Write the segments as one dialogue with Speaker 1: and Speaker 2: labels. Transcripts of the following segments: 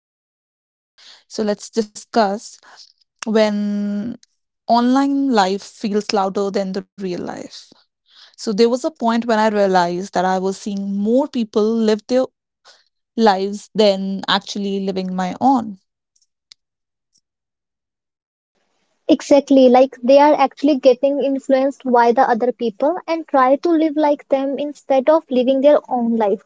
Speaker 1: and real life. So let's discuss when online life feels louder than the real life. So there was a point when I realized that I was seeing more people live their lives than actually living my own.
Speaker 2: Exactly, like they are actually getting influenced by the other people and try to live like them instead of living their own life.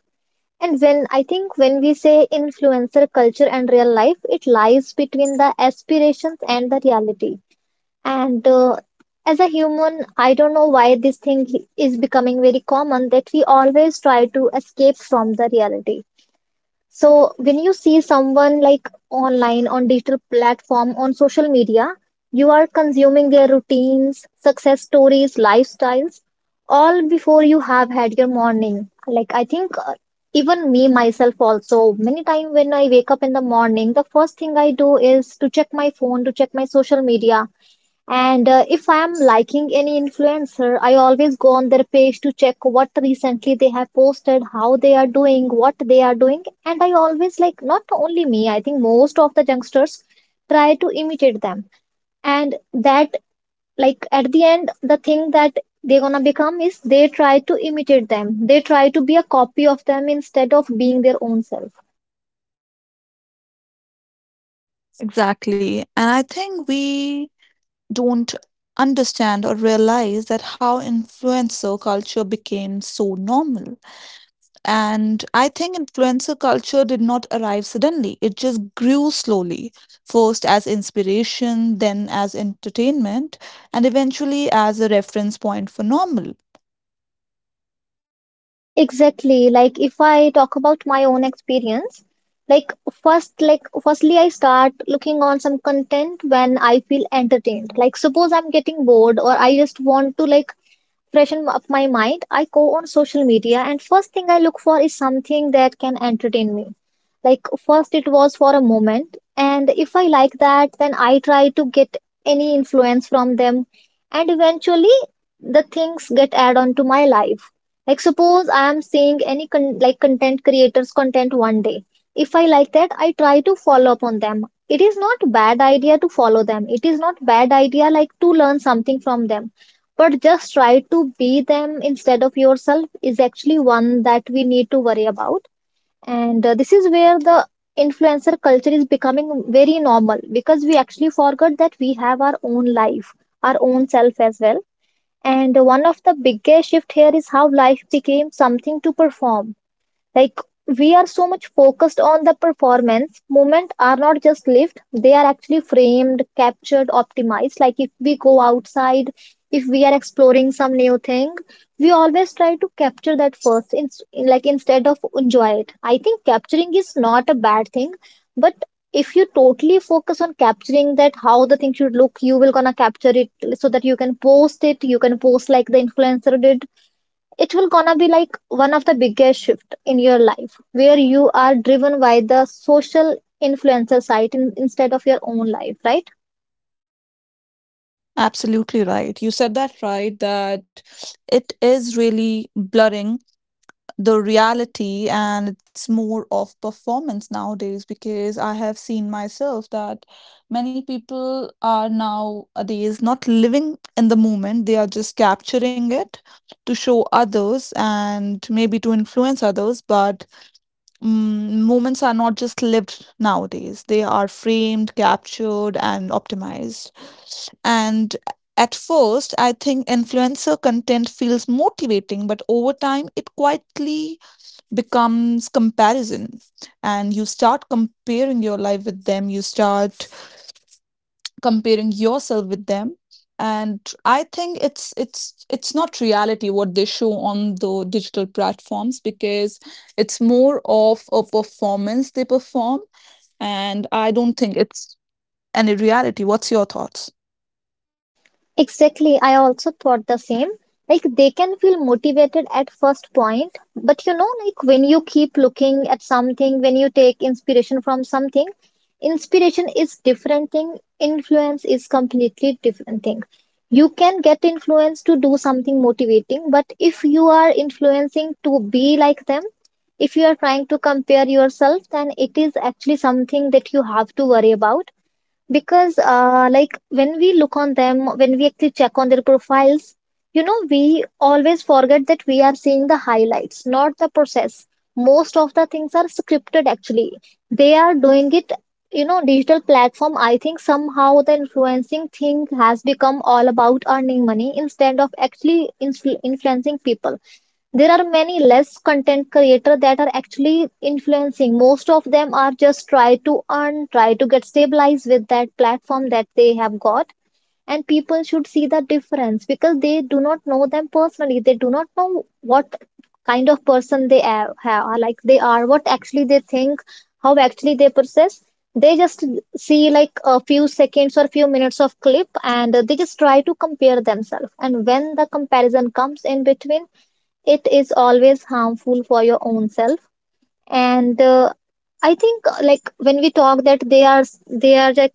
Speaker 2: And when I think when we say influencer culture and real life, it lies between the aspirations and the reality. And As a human, I don't know why this thing is becoming very common that we always try to escape from the reality. So when you see someone like online, on digital platform, on social media, you are consuming their routines, success stories, lifestyles, all before you have had your morning. Like I think even me myself also many times when I wake up in the morning, the first thing I do is to check my phone, to check my social media and if I am liking any influencer, I always go on their page to check what recently they have posted, how they are doing, what they are doing. And I always not only me, I think most of the youngsters try to imitate them. And that, at the end, the thing that they're gonna become is they try to imitate them. They try to be a copy of them instead of being their own self.
Speaker 1: Exactly. And I think we don't understand or realize that how influencer culture became so normal. And I think influencer culture did not arrive suddenly, it just grew slowly, first as inspiration, then as entertainment, and eventually as a reference point for normal.
Speaker 2: Exactly. Like if I talk about my own experience, like firstly, I start looking on some content when I feel entertained. Like suppose I'm getting bored or I just want to freshen up my mind, I go on social media and first thing I look for is something that can entertain me. Like first it was for a moment and if I like that then I try to get any influence from them, and eventually the things get add on to my life. Like suppose I am seeing like content creators content one day. If I like that I try to follow up on them. It is not bad idea to follow them. It is not bad idea like to learn something from them, but just try to be them instead of yourself is actually one that we need to worry about. And This is where the influencer culture is becoming very normal because we actually forgot that we have our own life, our own self as well. And one of the biggest shift here is how life became something to perform, like we are so much focused on the performance, movement are not just lived, they are actually framed, captured, optimized. Like if we go outside, if we are exploring some new thing, we always try to capture that like instead of enjoy it. I think capturing is not a bad thing, but if you totally focus on capturing that how the thing should look, you will gonna capture it so that you can post it, you can post like the influencer did. It will gonna be like one of the biggest shift in your life where you are driven by the social influencer instead of your own life, right?
Speaker 1: Absolutely right. You said that right, that it is really blurring the reality, and it's more of performance nowadays because I have seen myself that many people are nowadays not living in the moment, they are just capturing it to show others and maybe to influence others, but moments are not just lived nowadays. They are framed, captured, and optimized. And at first, I think influencer content feels motivating, but over time, it quietly becomes comparison. And you start comparing your life with them. You start comparing yourself with them, and I think it's not reality what they show on the digital platforms because it's more of a performance they perform, and I don't think it's any reality. What's your thoughts?
Speaker 2: Exactly. I also thought the same. Like they can feel motivated at first point, but you know, like when you keep looking at something, when you take inspiration from something, inspiration is different thing. Influence is completely different thing. You can get influence to do something motivating, but if you are influencing to be like them, if you are trying to compare yourself, then it is actually something that you have to worry about because like when we look on them, when we actually check on their profiles, you know we always forget that we are seeing the highlights, not the process. Most of the things are scripted actually, they are doing it. You know digital platform, I think somehow the influencing thing has become all about earning money instead of actually influencing people. There are many less content creators that are actually influencing. Most of them are just try to earn, try to get stabilized with that platform that they have got. And people should see the difference because they do not know them personally. They do not know what kind of person are, like they are, what actually they think, how actually they process. They just see like a few seconds or few minutes of clip and they just try to compare themselves. And when the comparison comes in between, it is always harmful for your own self. And I think Like when we talk that they are like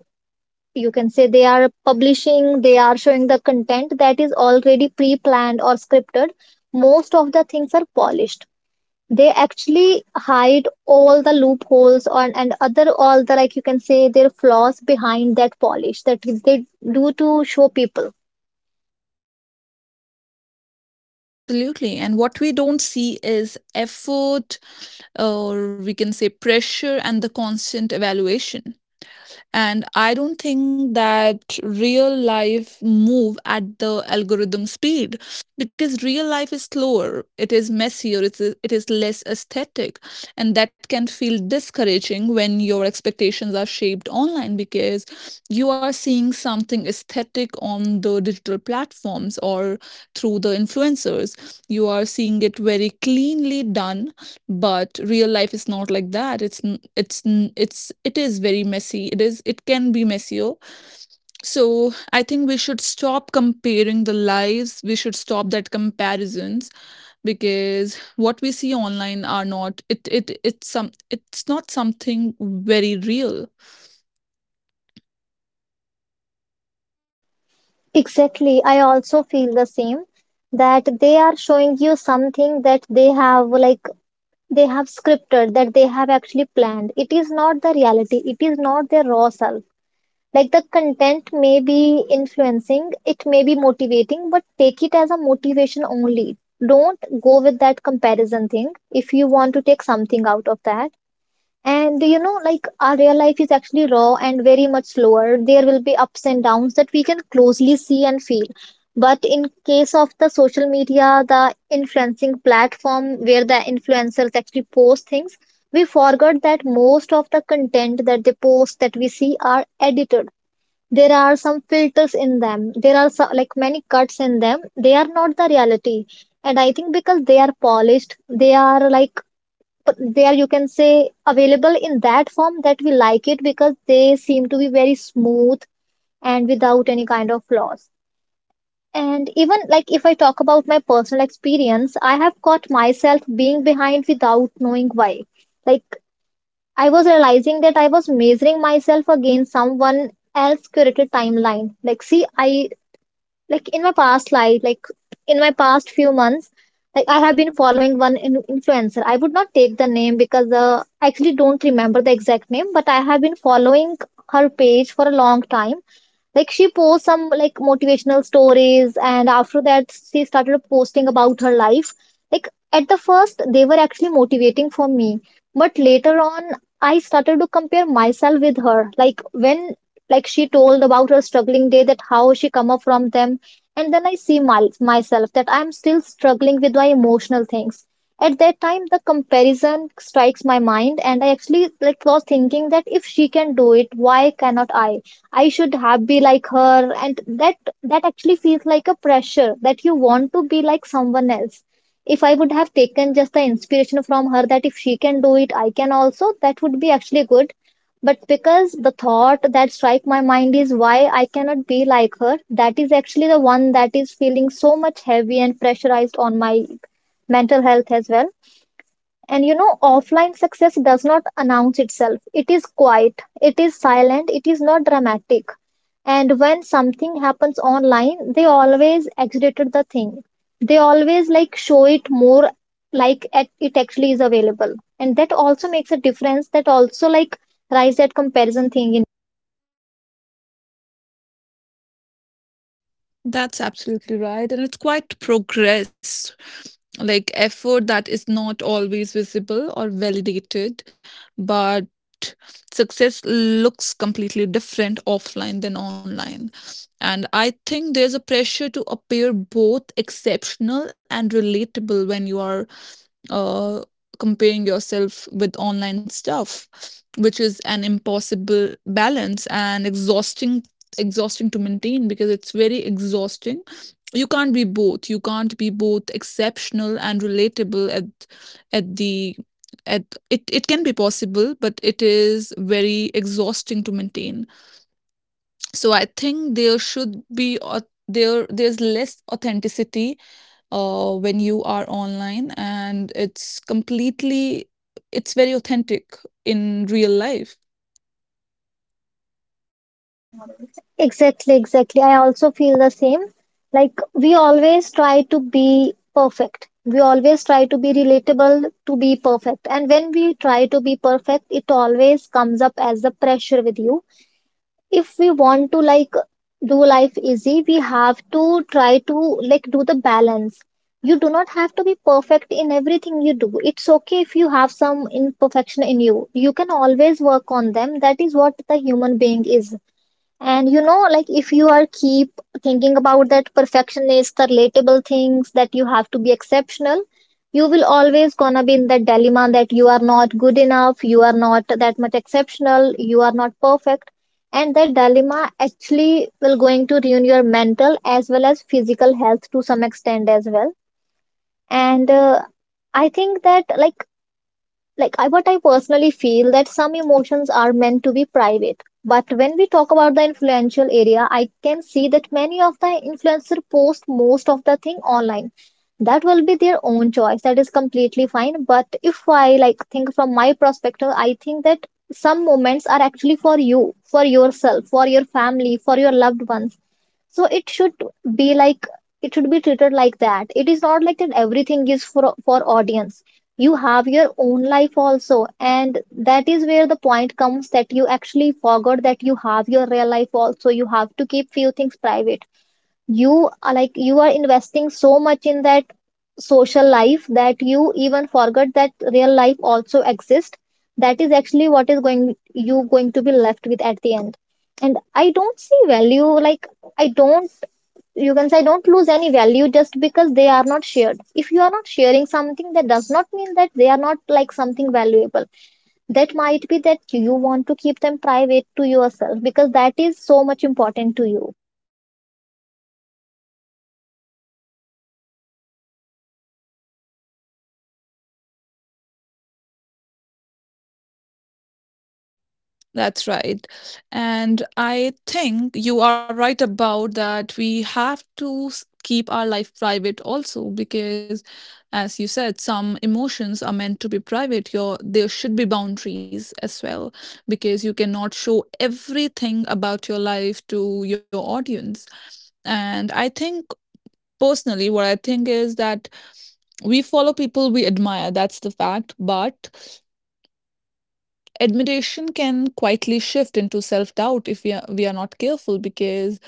Speaker 2: you can say they are publishing, they are showing the content that is already pre-planned or scripted. Most of the things are polished. They actually hide all the loopholes on and other all the, like you can say, their flaws behind that polish that they do to show people.
Speaker 1: Absolutely, and what we don't see is effort, or we can say pressure and the constant evaluation. And I don't think that real life move at the algorithm speed because real life is slower, it is messier, it is less aesthetic, and that can feel discouraging when your expectations are shaped online because you are seeing something aesthetic on the digital platforms or through the influencers, you are seeing it very cleanly done. But real life is not like that. It's n- it's n- it's it is very messy, it is, it can be messier. So I think we should stop comparing the lives. We should stop that comparisons because what we see online are not it's not something very real.
Speaker 2: Exactly. I also feel the same that they are showing you something that they have scripted, that they have actually planned. It is not the reality. It is not their raw self. Like the content may be influencing, it may be motivating, but take it as a motivation only. Don't go with that comparison thing if you want to take something out of that. And you know, like our real life is actually raw and very much slower. There will be ups and downs that we can closely see and feel. But in case of the social media, the influencing platform where the influencers actually post things, we forgot that most of the content that they post that we see are edited. There are some filters in them. There are so, like many cuts in them. They are not the reality. And I think because they are polished, they are they are, you can say, available in that form that we like it because they seem to be very smooth and without any kind of flaws. And even like if I talk about my personal experience, I have caught myself being behind without knowing why. Like I was realizing that I was measuring myself against someone else's curated timeline. Like see I like In my past life, like in my past few months, like I have been following one influencer. I would not take the name because I actually don't remember the exact name, but I have been following her page for a long time. Like she posts some like motivational stories, and after that she started posting about her life. Like at the first they were actually motivating for me, but later on I started to compare myself with her. Like when like she told about her struggling day, that how she come up from them, and then I see myself that I'm still struggling with my emotional things. At that time the comparison strikes my mind and I actually like was thinking that if she can do it, why cannot I? I should have be like her. And that actually feels like a pressure that you want to be like someone else. If I would have taken just the inspiration from her that if she can do it, I can also, that would be actually good. But because the thought that strike my mind is why I cannot be like her, that is actually the one that is feeling so much heavy and pressurized on my mental health as well. And you know, offline success does not announce itself. It is quiet, it is silent, it is not dramatic. And when something happens online, they always exaggerated the thing, they always like show it more, it actually is available, and that also makes a difference, that also like rise that comparison thing in.
Speaker 1: That's absolutely right. And it's quite progress, like effort that is not always visible or validated, but success looks completely different offline than online. And I think there's a pressure to appear both exceptional and relatable when you are uh, comparing yourself with online stuff, which is an impossible balance and exhausting to maintain because it's very exhausting. You can't be both. You can't be both exceptional and relatable at the at it, it can be possible, but it is very exhausting to maintain. So I think there should be there there's less authenticity when you are online, and it's completely, it's very authentic in real life.
Speaker 2: Exactly, exactly, I also feel the same. Like we always try to be perfect, we always try to be relatable to be perfect, and when we try to be perfect it always comes up as the pressure with you. If we want to like do life easy, we have to try to like do the balance. You do not have to be perfect in everything you do. It's okay if you have some imperfection in you, you can always work on them. That is what the human being is. And you know, like if you are keep thinking about that perfectionist, the relatable things that you have to be exceptional, you will always gonna be in that dilemma that you are not good enough, you are not that much exceptional, you are not perfect. And that dilemma actually will going to ruin your mental as well as physical health to some extent as well. And I think that what I personally feel that some emotions are meant to be private. But when we talk about the influential area, I can see that many of the influencer post most of the thing online. That will be their own choice, that is completely fine, but if I like think from my perspective, I think that some moments are actually for you, for yourself, for your family, for your loved ones. So it should be like it should be treated like that. It is not like that everything is for audience. You have your own life also, and that is where the point comes that you actually forgot that you have your real life also. You have to keep few things private. You are like you are investing so much in that social life that you even forgot that real life also exists. That is actually what is going you going to be left with at the end. And I don't see value. Like I don't You can say don't lose any value just because they are not shared. If you are not sharing something, that does not mean that they are not like something valuable. That might be that you want to keep them private to yourself because that is so much important to you.
Speaker 1: That's right. And I think you are right about that. We have to keep our life private also because, as you said, some emotions are meant to be private. Your there should be boundaries as well because you cannot show everything about your life to your audience. And I think personally, what I think is that we follow people we admire. That's the fact. But admiration can quietly shift into self doubt if we are not careful because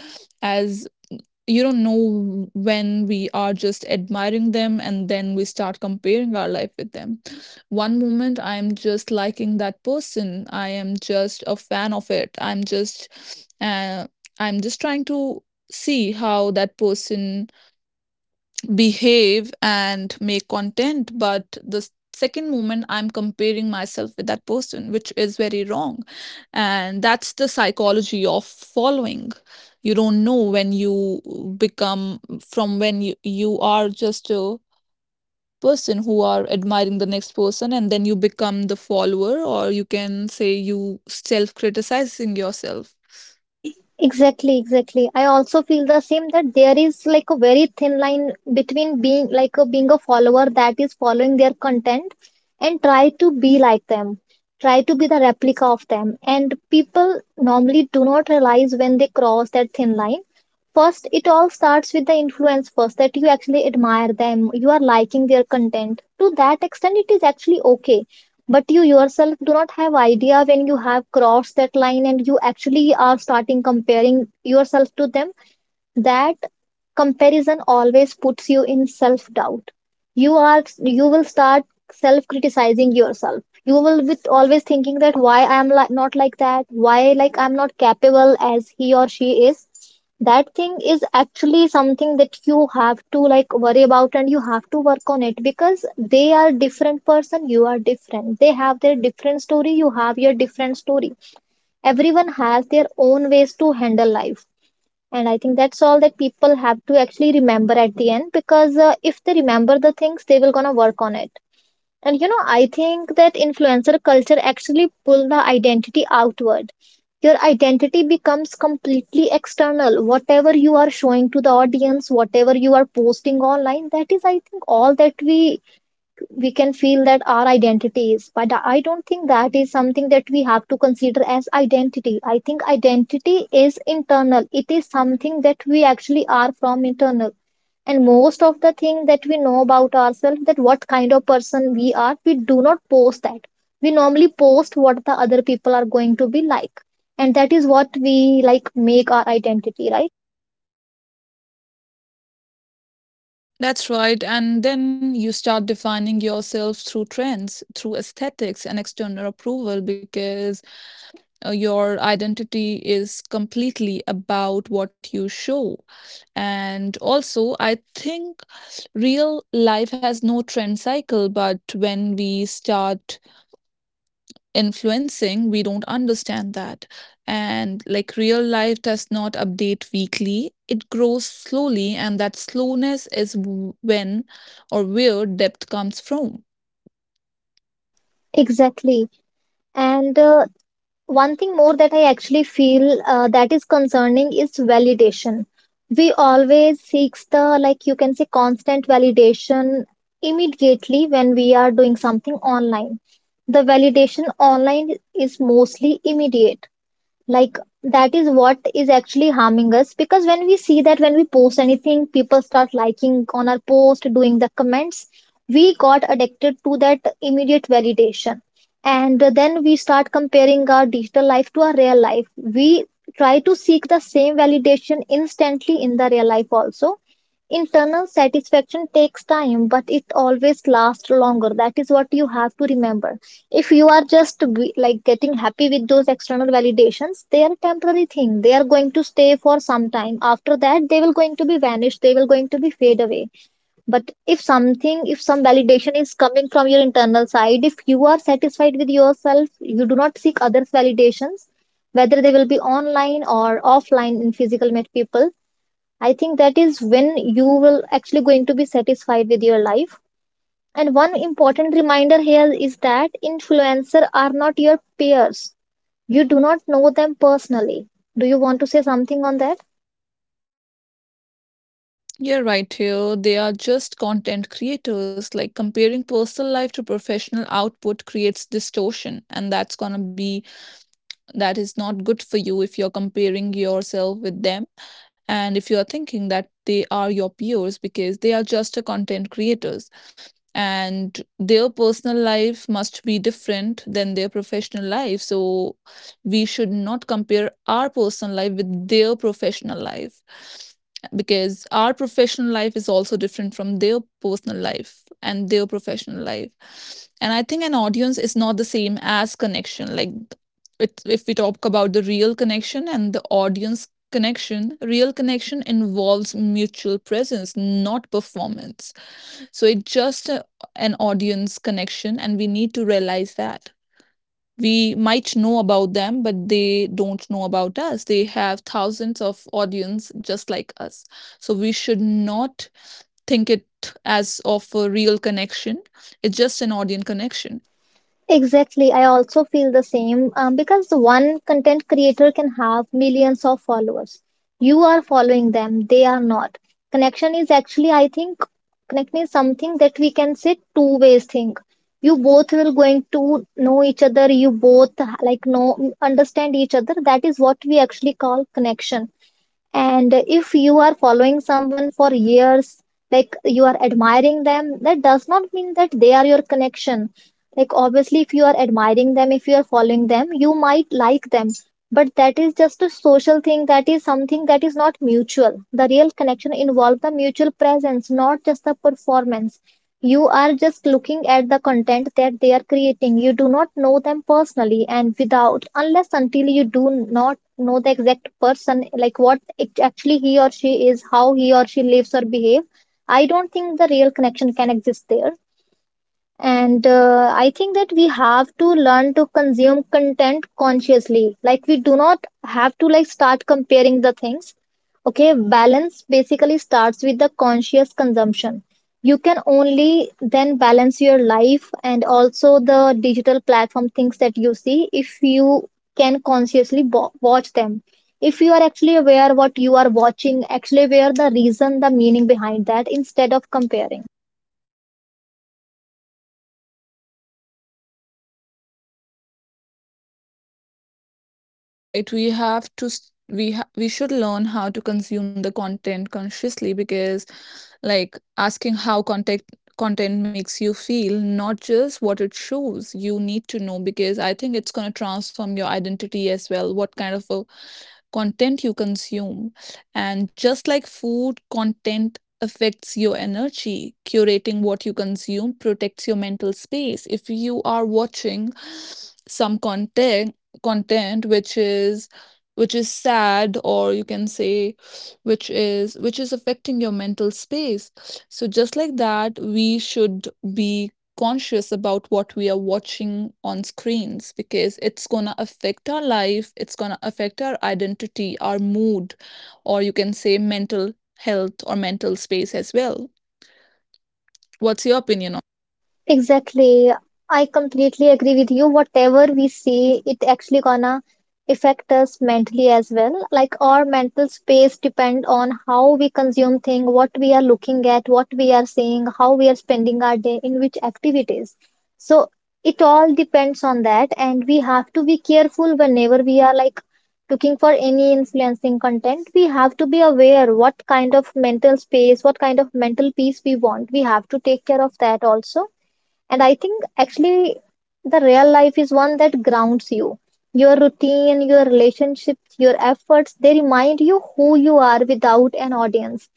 Speaker 1: as you don't know when we are just admiring them and then we start comparing our life with them. One moment I am just liking that person, I am just a fan of it, I'm just I'm just trying to see how that person behave and make content, but the second moment I'm comparing myself with that person, which is very wrong. And that's the psychology of following. You don't know when you become from you are just a person who are admiring the next person, and then you become the follower, or you can say you self criticizing yourself.
Speaker 2: Exactly, exactly. I also feel the same that there is like a very thin line between being a follower that is following their content and try to be like them, try to be the replica of them. And people normally do not realize when they cross that thin line. First, it all starts with the influence first that you actually admire them, you are liking their content. To that extent, it is actually okay, but you yourself do not have idea when you have crossed that line and you actually are starting comparing yourself to them. That comparison always puts you in self-doubt. You will start self-criticizing yourself. You will with always thinking that why I am like not like that, why like I'm not capable as he or she is. That thing is actually something that you have to like worry about and you have to work on it because they are different person, you are different. They have their different story, you have your different story. Everyone has their own ways to handle life, and I think that's all that people have to actually remember at the end because if they remember the things, they will gonna work on it. And you know, I think that influencer culture actually pull the identity outward. Your identity becomes completely external. Whatever you are showing to the audience, whatever you are posting online, that is, I think, all that we can feel that our identity is. But I don't think that is something that we have to consider as identity. I think identity is internal, it is something that we actually are from internal. And most of the thing that we know about ourselves, that what kind of person we are, we do not post that. We normally post what the other people are going to be like, and that is what we like make our identity, right?
Speaker 1: That's right. And then you start defining yourself through trends, through aesthetics and external approval because your identity is completely about what you show. And also, I think real life has no trend cycle, but when we start influencing, we don't understand that. And like real life does not update weekly, it grows slowly, and that slowness is when or where depth comes from.
Speaker 2: Exactly, and one thing more that I actually feel that is concerning is validation. We always seeks the, like you can say, constant validation immediately when we are doing something online. The validation online is mostly immediate. Like, that is what is actually harming us because when we see that, when we post anything, people start liking on our post, doing the comments, we got addicted to that immediate validation. And then we start comparing our digital life to our real life. We try to seek the same validation instantly in the real life also. Internal satisfaction takes time, but it always lasts longer. That is what you have to remember. If you are just like getting happy with those external validations, they are a temporary thing. They are going to stay for some time, after that they will going to be vanished, they will going to be fade away. But if something, if some validation is coming from your internal side, if you are satisfied with yourself, you do not seek others validations, whether they will be online or offline in physical met people. I think that is when you will actually going to be satisfied with your life. And one important reminder here is that influencers are not your peers. You do not know them personally. Do you want to say something on that?
Speaker 1: You're right here. They are just content creators. Like comparing personal life to professional output creates distortion, and that's gonna be, that is not good for you if you're comparing yourself with them and if you are thinking that they are your peers because they are just a content creators, and their personal life must be different than their professional life. So we should not compare our personal life with their professional life because our professional life is also different from their personal life and their professional life. And I think an audience is not the same as connection. Like it, if we talk about the real connection and the audience connection, real connection involves mutual presence, not performance. So it's just an audience connection, and we need to realize that we might know about them but they don't know about us. They have thousands of audience just like us, so we should not think it as of a real connection. It's just an audience connection.
Speaker 2: Exactly. I also feel the same, because one content creator can have millions of followers. You are following them, they are not. Connection is actually, I think, connection is something that we can say two ways thing. You both will going to know each other. You both like know understand each other. That is what we actually call connection. And if you are following someone for years, like you are admiring them, that does not mean that they are your connection. Like, obviously, if you are admiring them, if you are following them, you might like them. But that is just a social thing, that is something that is not mutual. The real connection involves the mutual presence, not just the performance. You are just looking at the content that they are creating. You do not know them personally, and without, unless until you do not know the exact person, like what actually he or she is, how he or she lives or behave, I don't think the real connection can exist there. And I think that we have to learn to consume content consciously. Like, we do not have to like start comparing the things. Okay, balance basically starts with the conscious consumption. You can only then balance your life and also the digital platform things that you see, if you can consciously watch them. If you are actually aware what you are watching, actually aware the reason, the meaning behind that, instead of comparing.
Speaker 1: That's what. That's right. We have to we should learn how to consume the content consciously because, like, asking how content makes you feel, not just what it shows, you need to know because I think it's going to transform your identity as well, what kind of a content you consume. And just like food, content affects your energy. Curating what you consume protects your mental space. If you are watching some content which is sad, or you can say which is affecting your mental space, so just like that we should be conscious about what we are watching on screens because it's going to affect our life, it's going to affect our identity, our mood, or you can say mental health or mental space as well. What's your opinion on that?
Speaker 2: Exactly. I completely agree with you. Whatever we see, it actually gonna affect us mentally as well. Like, our mental space depend on how we consume thing, what we are looking at, what we are seeing, how we are spending our day, in which activities. So it all depends on that, and we have to be careful whenever we are like looking for any influencing content. We have to be aware what kind of mental space, what kind of mental peace we want. We have to take care of that also, and I think actually the real life is one that grounds you. Your routine, your relationships, your efforts, they remind you who you are without an audience.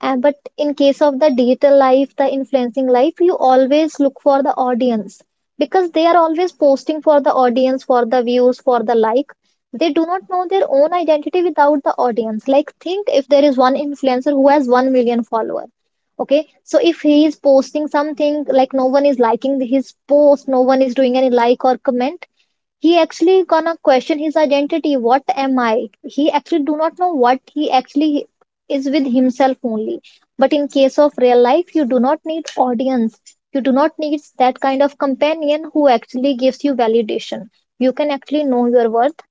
Speaker 2: And but in case of the digital life, the influencing life, you always look for the audience because they are always posting for the audience, for the views, for the like. They do not know their own identity without the audience. Like, think if there is one influencer who has 1 million followers. Okay, so if he is posting something, like no one is liking his post, no one is doing any like or comment, he actually gonna question his identity. What am I? He actually do not know what he actually is with himself only. But in case of real life, you do not need audience. You do not need that kind of companion who actually gives you validation. You can actually know your worth.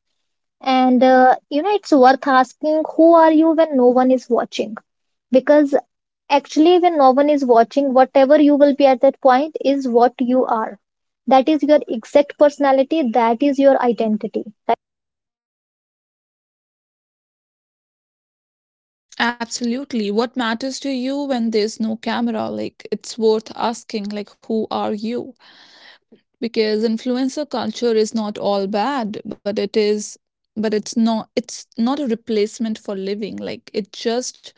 Speaker 2: And you know, it's worth asking, who are you when no one is watching? Because actually, when no one is watching, whatever you will be at that point is what you are. That is your exact personality, that is your identity.
Speaker 1: Absolutely. What matters to you when there's no camera? Like, it's worth asking, like, who are you? Because influencer culture is not all bad, but it is, but it's not a replacement for living. Like, it just,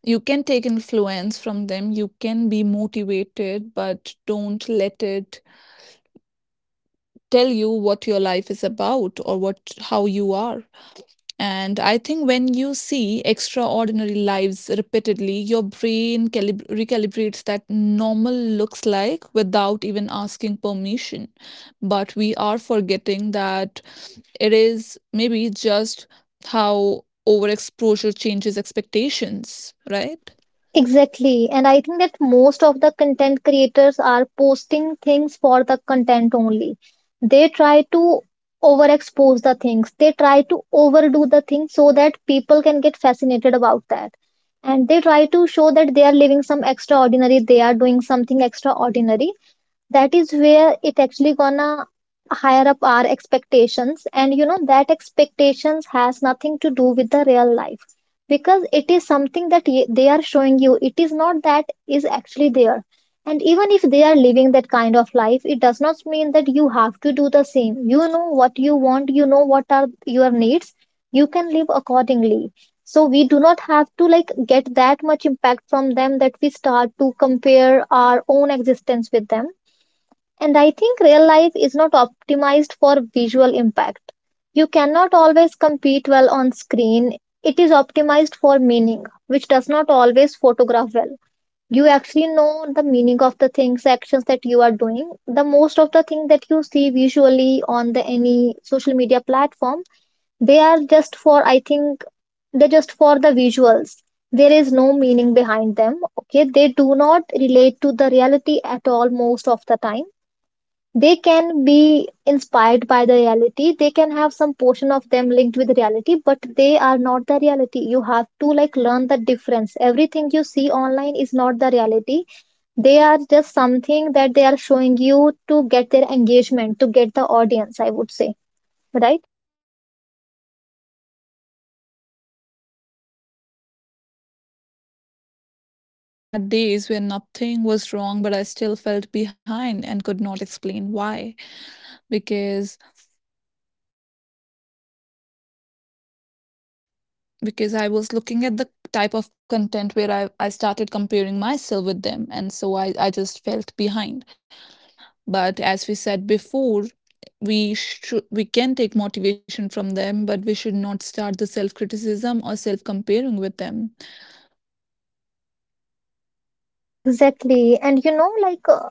Speaker 1: you can take influence from them, you can be motivated, but don't let it tell you what your life is about or what, how you are. And I think when you see extraordinary lives repeatedly, your brain recalibrates that normal looks like without even asking permission. But we are forgetting that it is maybe just how overexposure changes expectations, right?
Speaker 2: Exactly, and I think that most of the content creators are posting things for the content only. They try to overexpose the things, they try to overdo the things, so that people can get fascinated about that. And they try to show that they are living some extraordinary, they are doing something extraordinary. That is where it actually gonna higher up our expectations. And you know, that expectations has nothing to do with the real life because it is something that they are showing you, it is not that is actually there. And even if they are living that kind of life, it does not mean that you have to do the same. You know what you want, you know what are your needs. You can live accordingly. So we do not have to like get that much impact from them that we start to compare our own existence with them. And I think real life is not optimized for visual impact. You cannot always compete well on screen. It is optimized for meaning, which does not always photograph well. You actually know the meaning of the things, actions that you are doing. The most of the things that you see visually on the any social media platform, they are just for I think they're just for the visuals. There is no meaning behind them. Okay, they do not relate to the reality at all most of the time. They can be inspired by the reality, they can have some portion of them linked with reality, but they are not the reality. You have to like learn the difference. Everything you see online is not the reality. They are just something that they are showing you to get their engagement, to get the audience, I would say. Right.
Speaker 1: Yes, and I have had days where nothing was wrong, but I still felt behind and could not explain why because because I was looking at the type of content where I started comparing myself with them. And so I just felt behind. But as we said before, we should, we can take motivation from them, but we should not start the self criticism or self comparing with them.
Speaker 2: Exactly. And you know,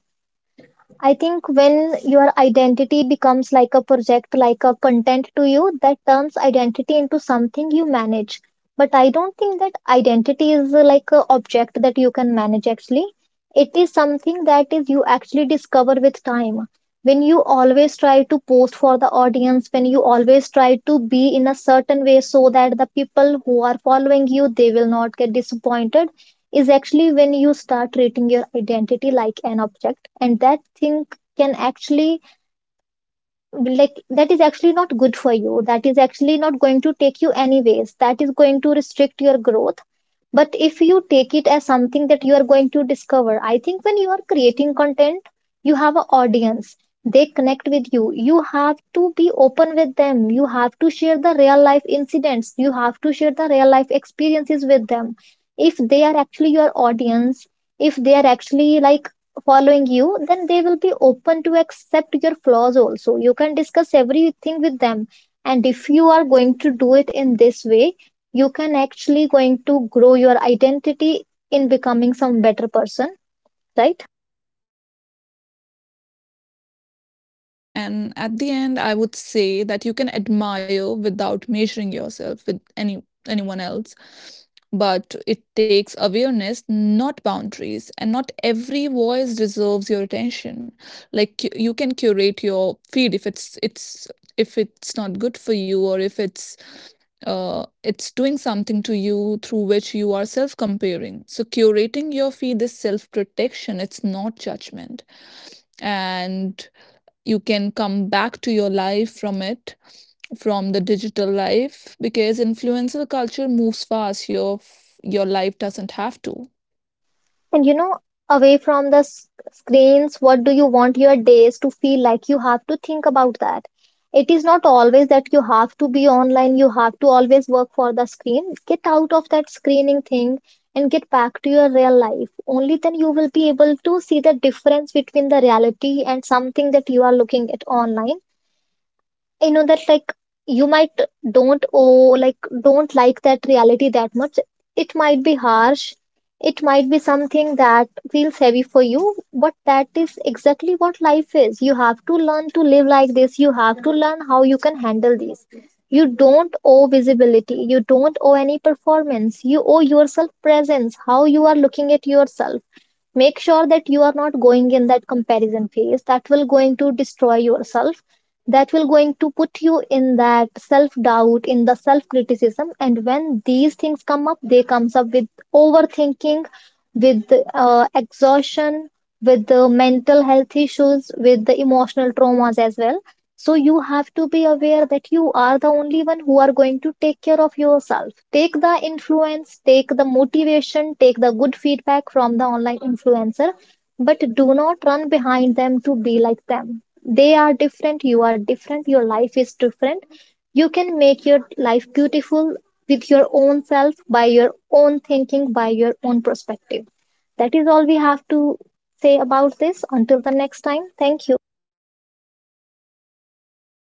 Speaker 2: I think when your identity becomes like a project, like a content to you, that turns identity into something you manage. But I don't think that identity is like a object that you can manage actually. It is something that is you actually discover with time. When you always try to post for the audience, when you always try to be in a certain way so that the people who are following you, they will not get disappointed, is actually when you start treating your identity like an object, and that thing can actually, like, that is actually not good for you. That is actually not going to take you anyways. That is going to restrict your growth. But if you take it as something that you are going to discover, I think when you are creating content, you have an audience. They connect with you. You have to be open with them. You have to share the real life incidents. You have to share the real life experiences with them. If they are actually your audience, if they are actually like following you, then they will be open to accept your flaws also. You can discuss everything with them. And if you are going to do it in this way, you can actually going to grow your identity in becoming some better person. Right.
Speaker 1: Absolutely. And at the end, I would say that you can admire without measuring yourself with anyone else. But it takes awareness, not boundaries, and not every voice deserves your attention. Like you can curate your feed if it's if it's not good for you or if it's it's doing something to you through which you are self comparing. So curating your feed is self protection. It's not judgment, and you can come back to your life from it, from the digital life, because influencer culture moves fast, your life doesn't have to
Speaker 2: And you know, away from the screens, what do you want your days to feel like? You have to think about that. It is not always that you have to be online, you have to always work for the screen. Get out of that screening thing and get back to your real life. Only then you will be able to see the difference between the reality and something that you are looking at online. I know that, like, you might don't oh like don't like that reality that much. It might be harsh. It might be something that feels heavy for you, but that is exactly what life is. You have to learn to live like this. You have to learn how you can handle these. You don't owe visibility. You don't owe any performance. You owe yourself presence. How you are looking at yourself, make sure that you are not going in that comparison phase that will going to destroy yourself, that will going to put you in that self doubt, in the self criticism. And when these things come up, they comes up with overthinking, with exhaustion, with the mental health issues, with the emotional traumas as well. So you have to be aware that you are the only one who are going to take care of yourself. Take the influence, take the motivation, take the good feedback from the online influencer, but do not run behind them to be like them. They are different, you are different, your life is different. You can make your life beautiful with your own self, by your own thinking, by your own perspective. That is all we have to say about this. Until the next time, thank you.